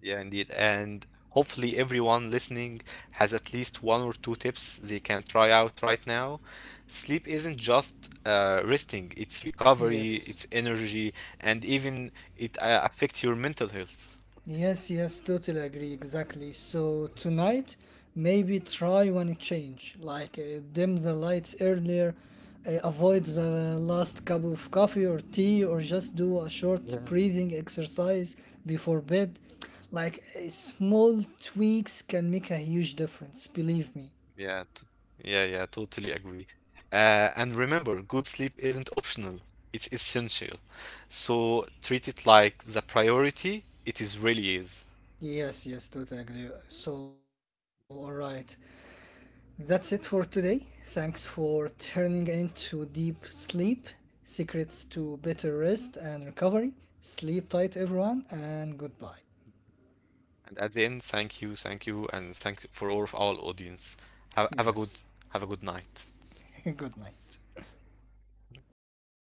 Speaker 2: Yeah, indeed. And hopefully, everyone listening has at least one or two tips they can try out right now. Sleep isn't just resting, it's recovery,
Speaker 1: Yes.
Speaker 2: it's energy, and even it affects your mental health.
Speaker 1: Yes, yes, totally agree. Exactly. So tonight, maybe try one change, like dim the lights earlier, avoid the last cup of coffee or tea, or just do a short
Speaker 2: Yeah.
Speaker 1: breathing exercise before bed. Like small tweaks can make a huge difference. Believe me.
Speaker 2: Yeah, t- yeah, yeah, totally agree. And remember, good sleep isn't optional, it's essential. So treat it like the priority it is really is.
Speaker 1: Yes, yes, totally agree. So, all right. That's it for today. Thanks for turning into Deep Sleep Secrets to Better Rest and Recovery. Sleep tight, everyone, and goodbye.
Speaker 2: And at the end, thank you, and thank for all of our audience. Have a good
Speaker 1: Yes,
Speaker 2: have a good night.
Speaker 1: good night.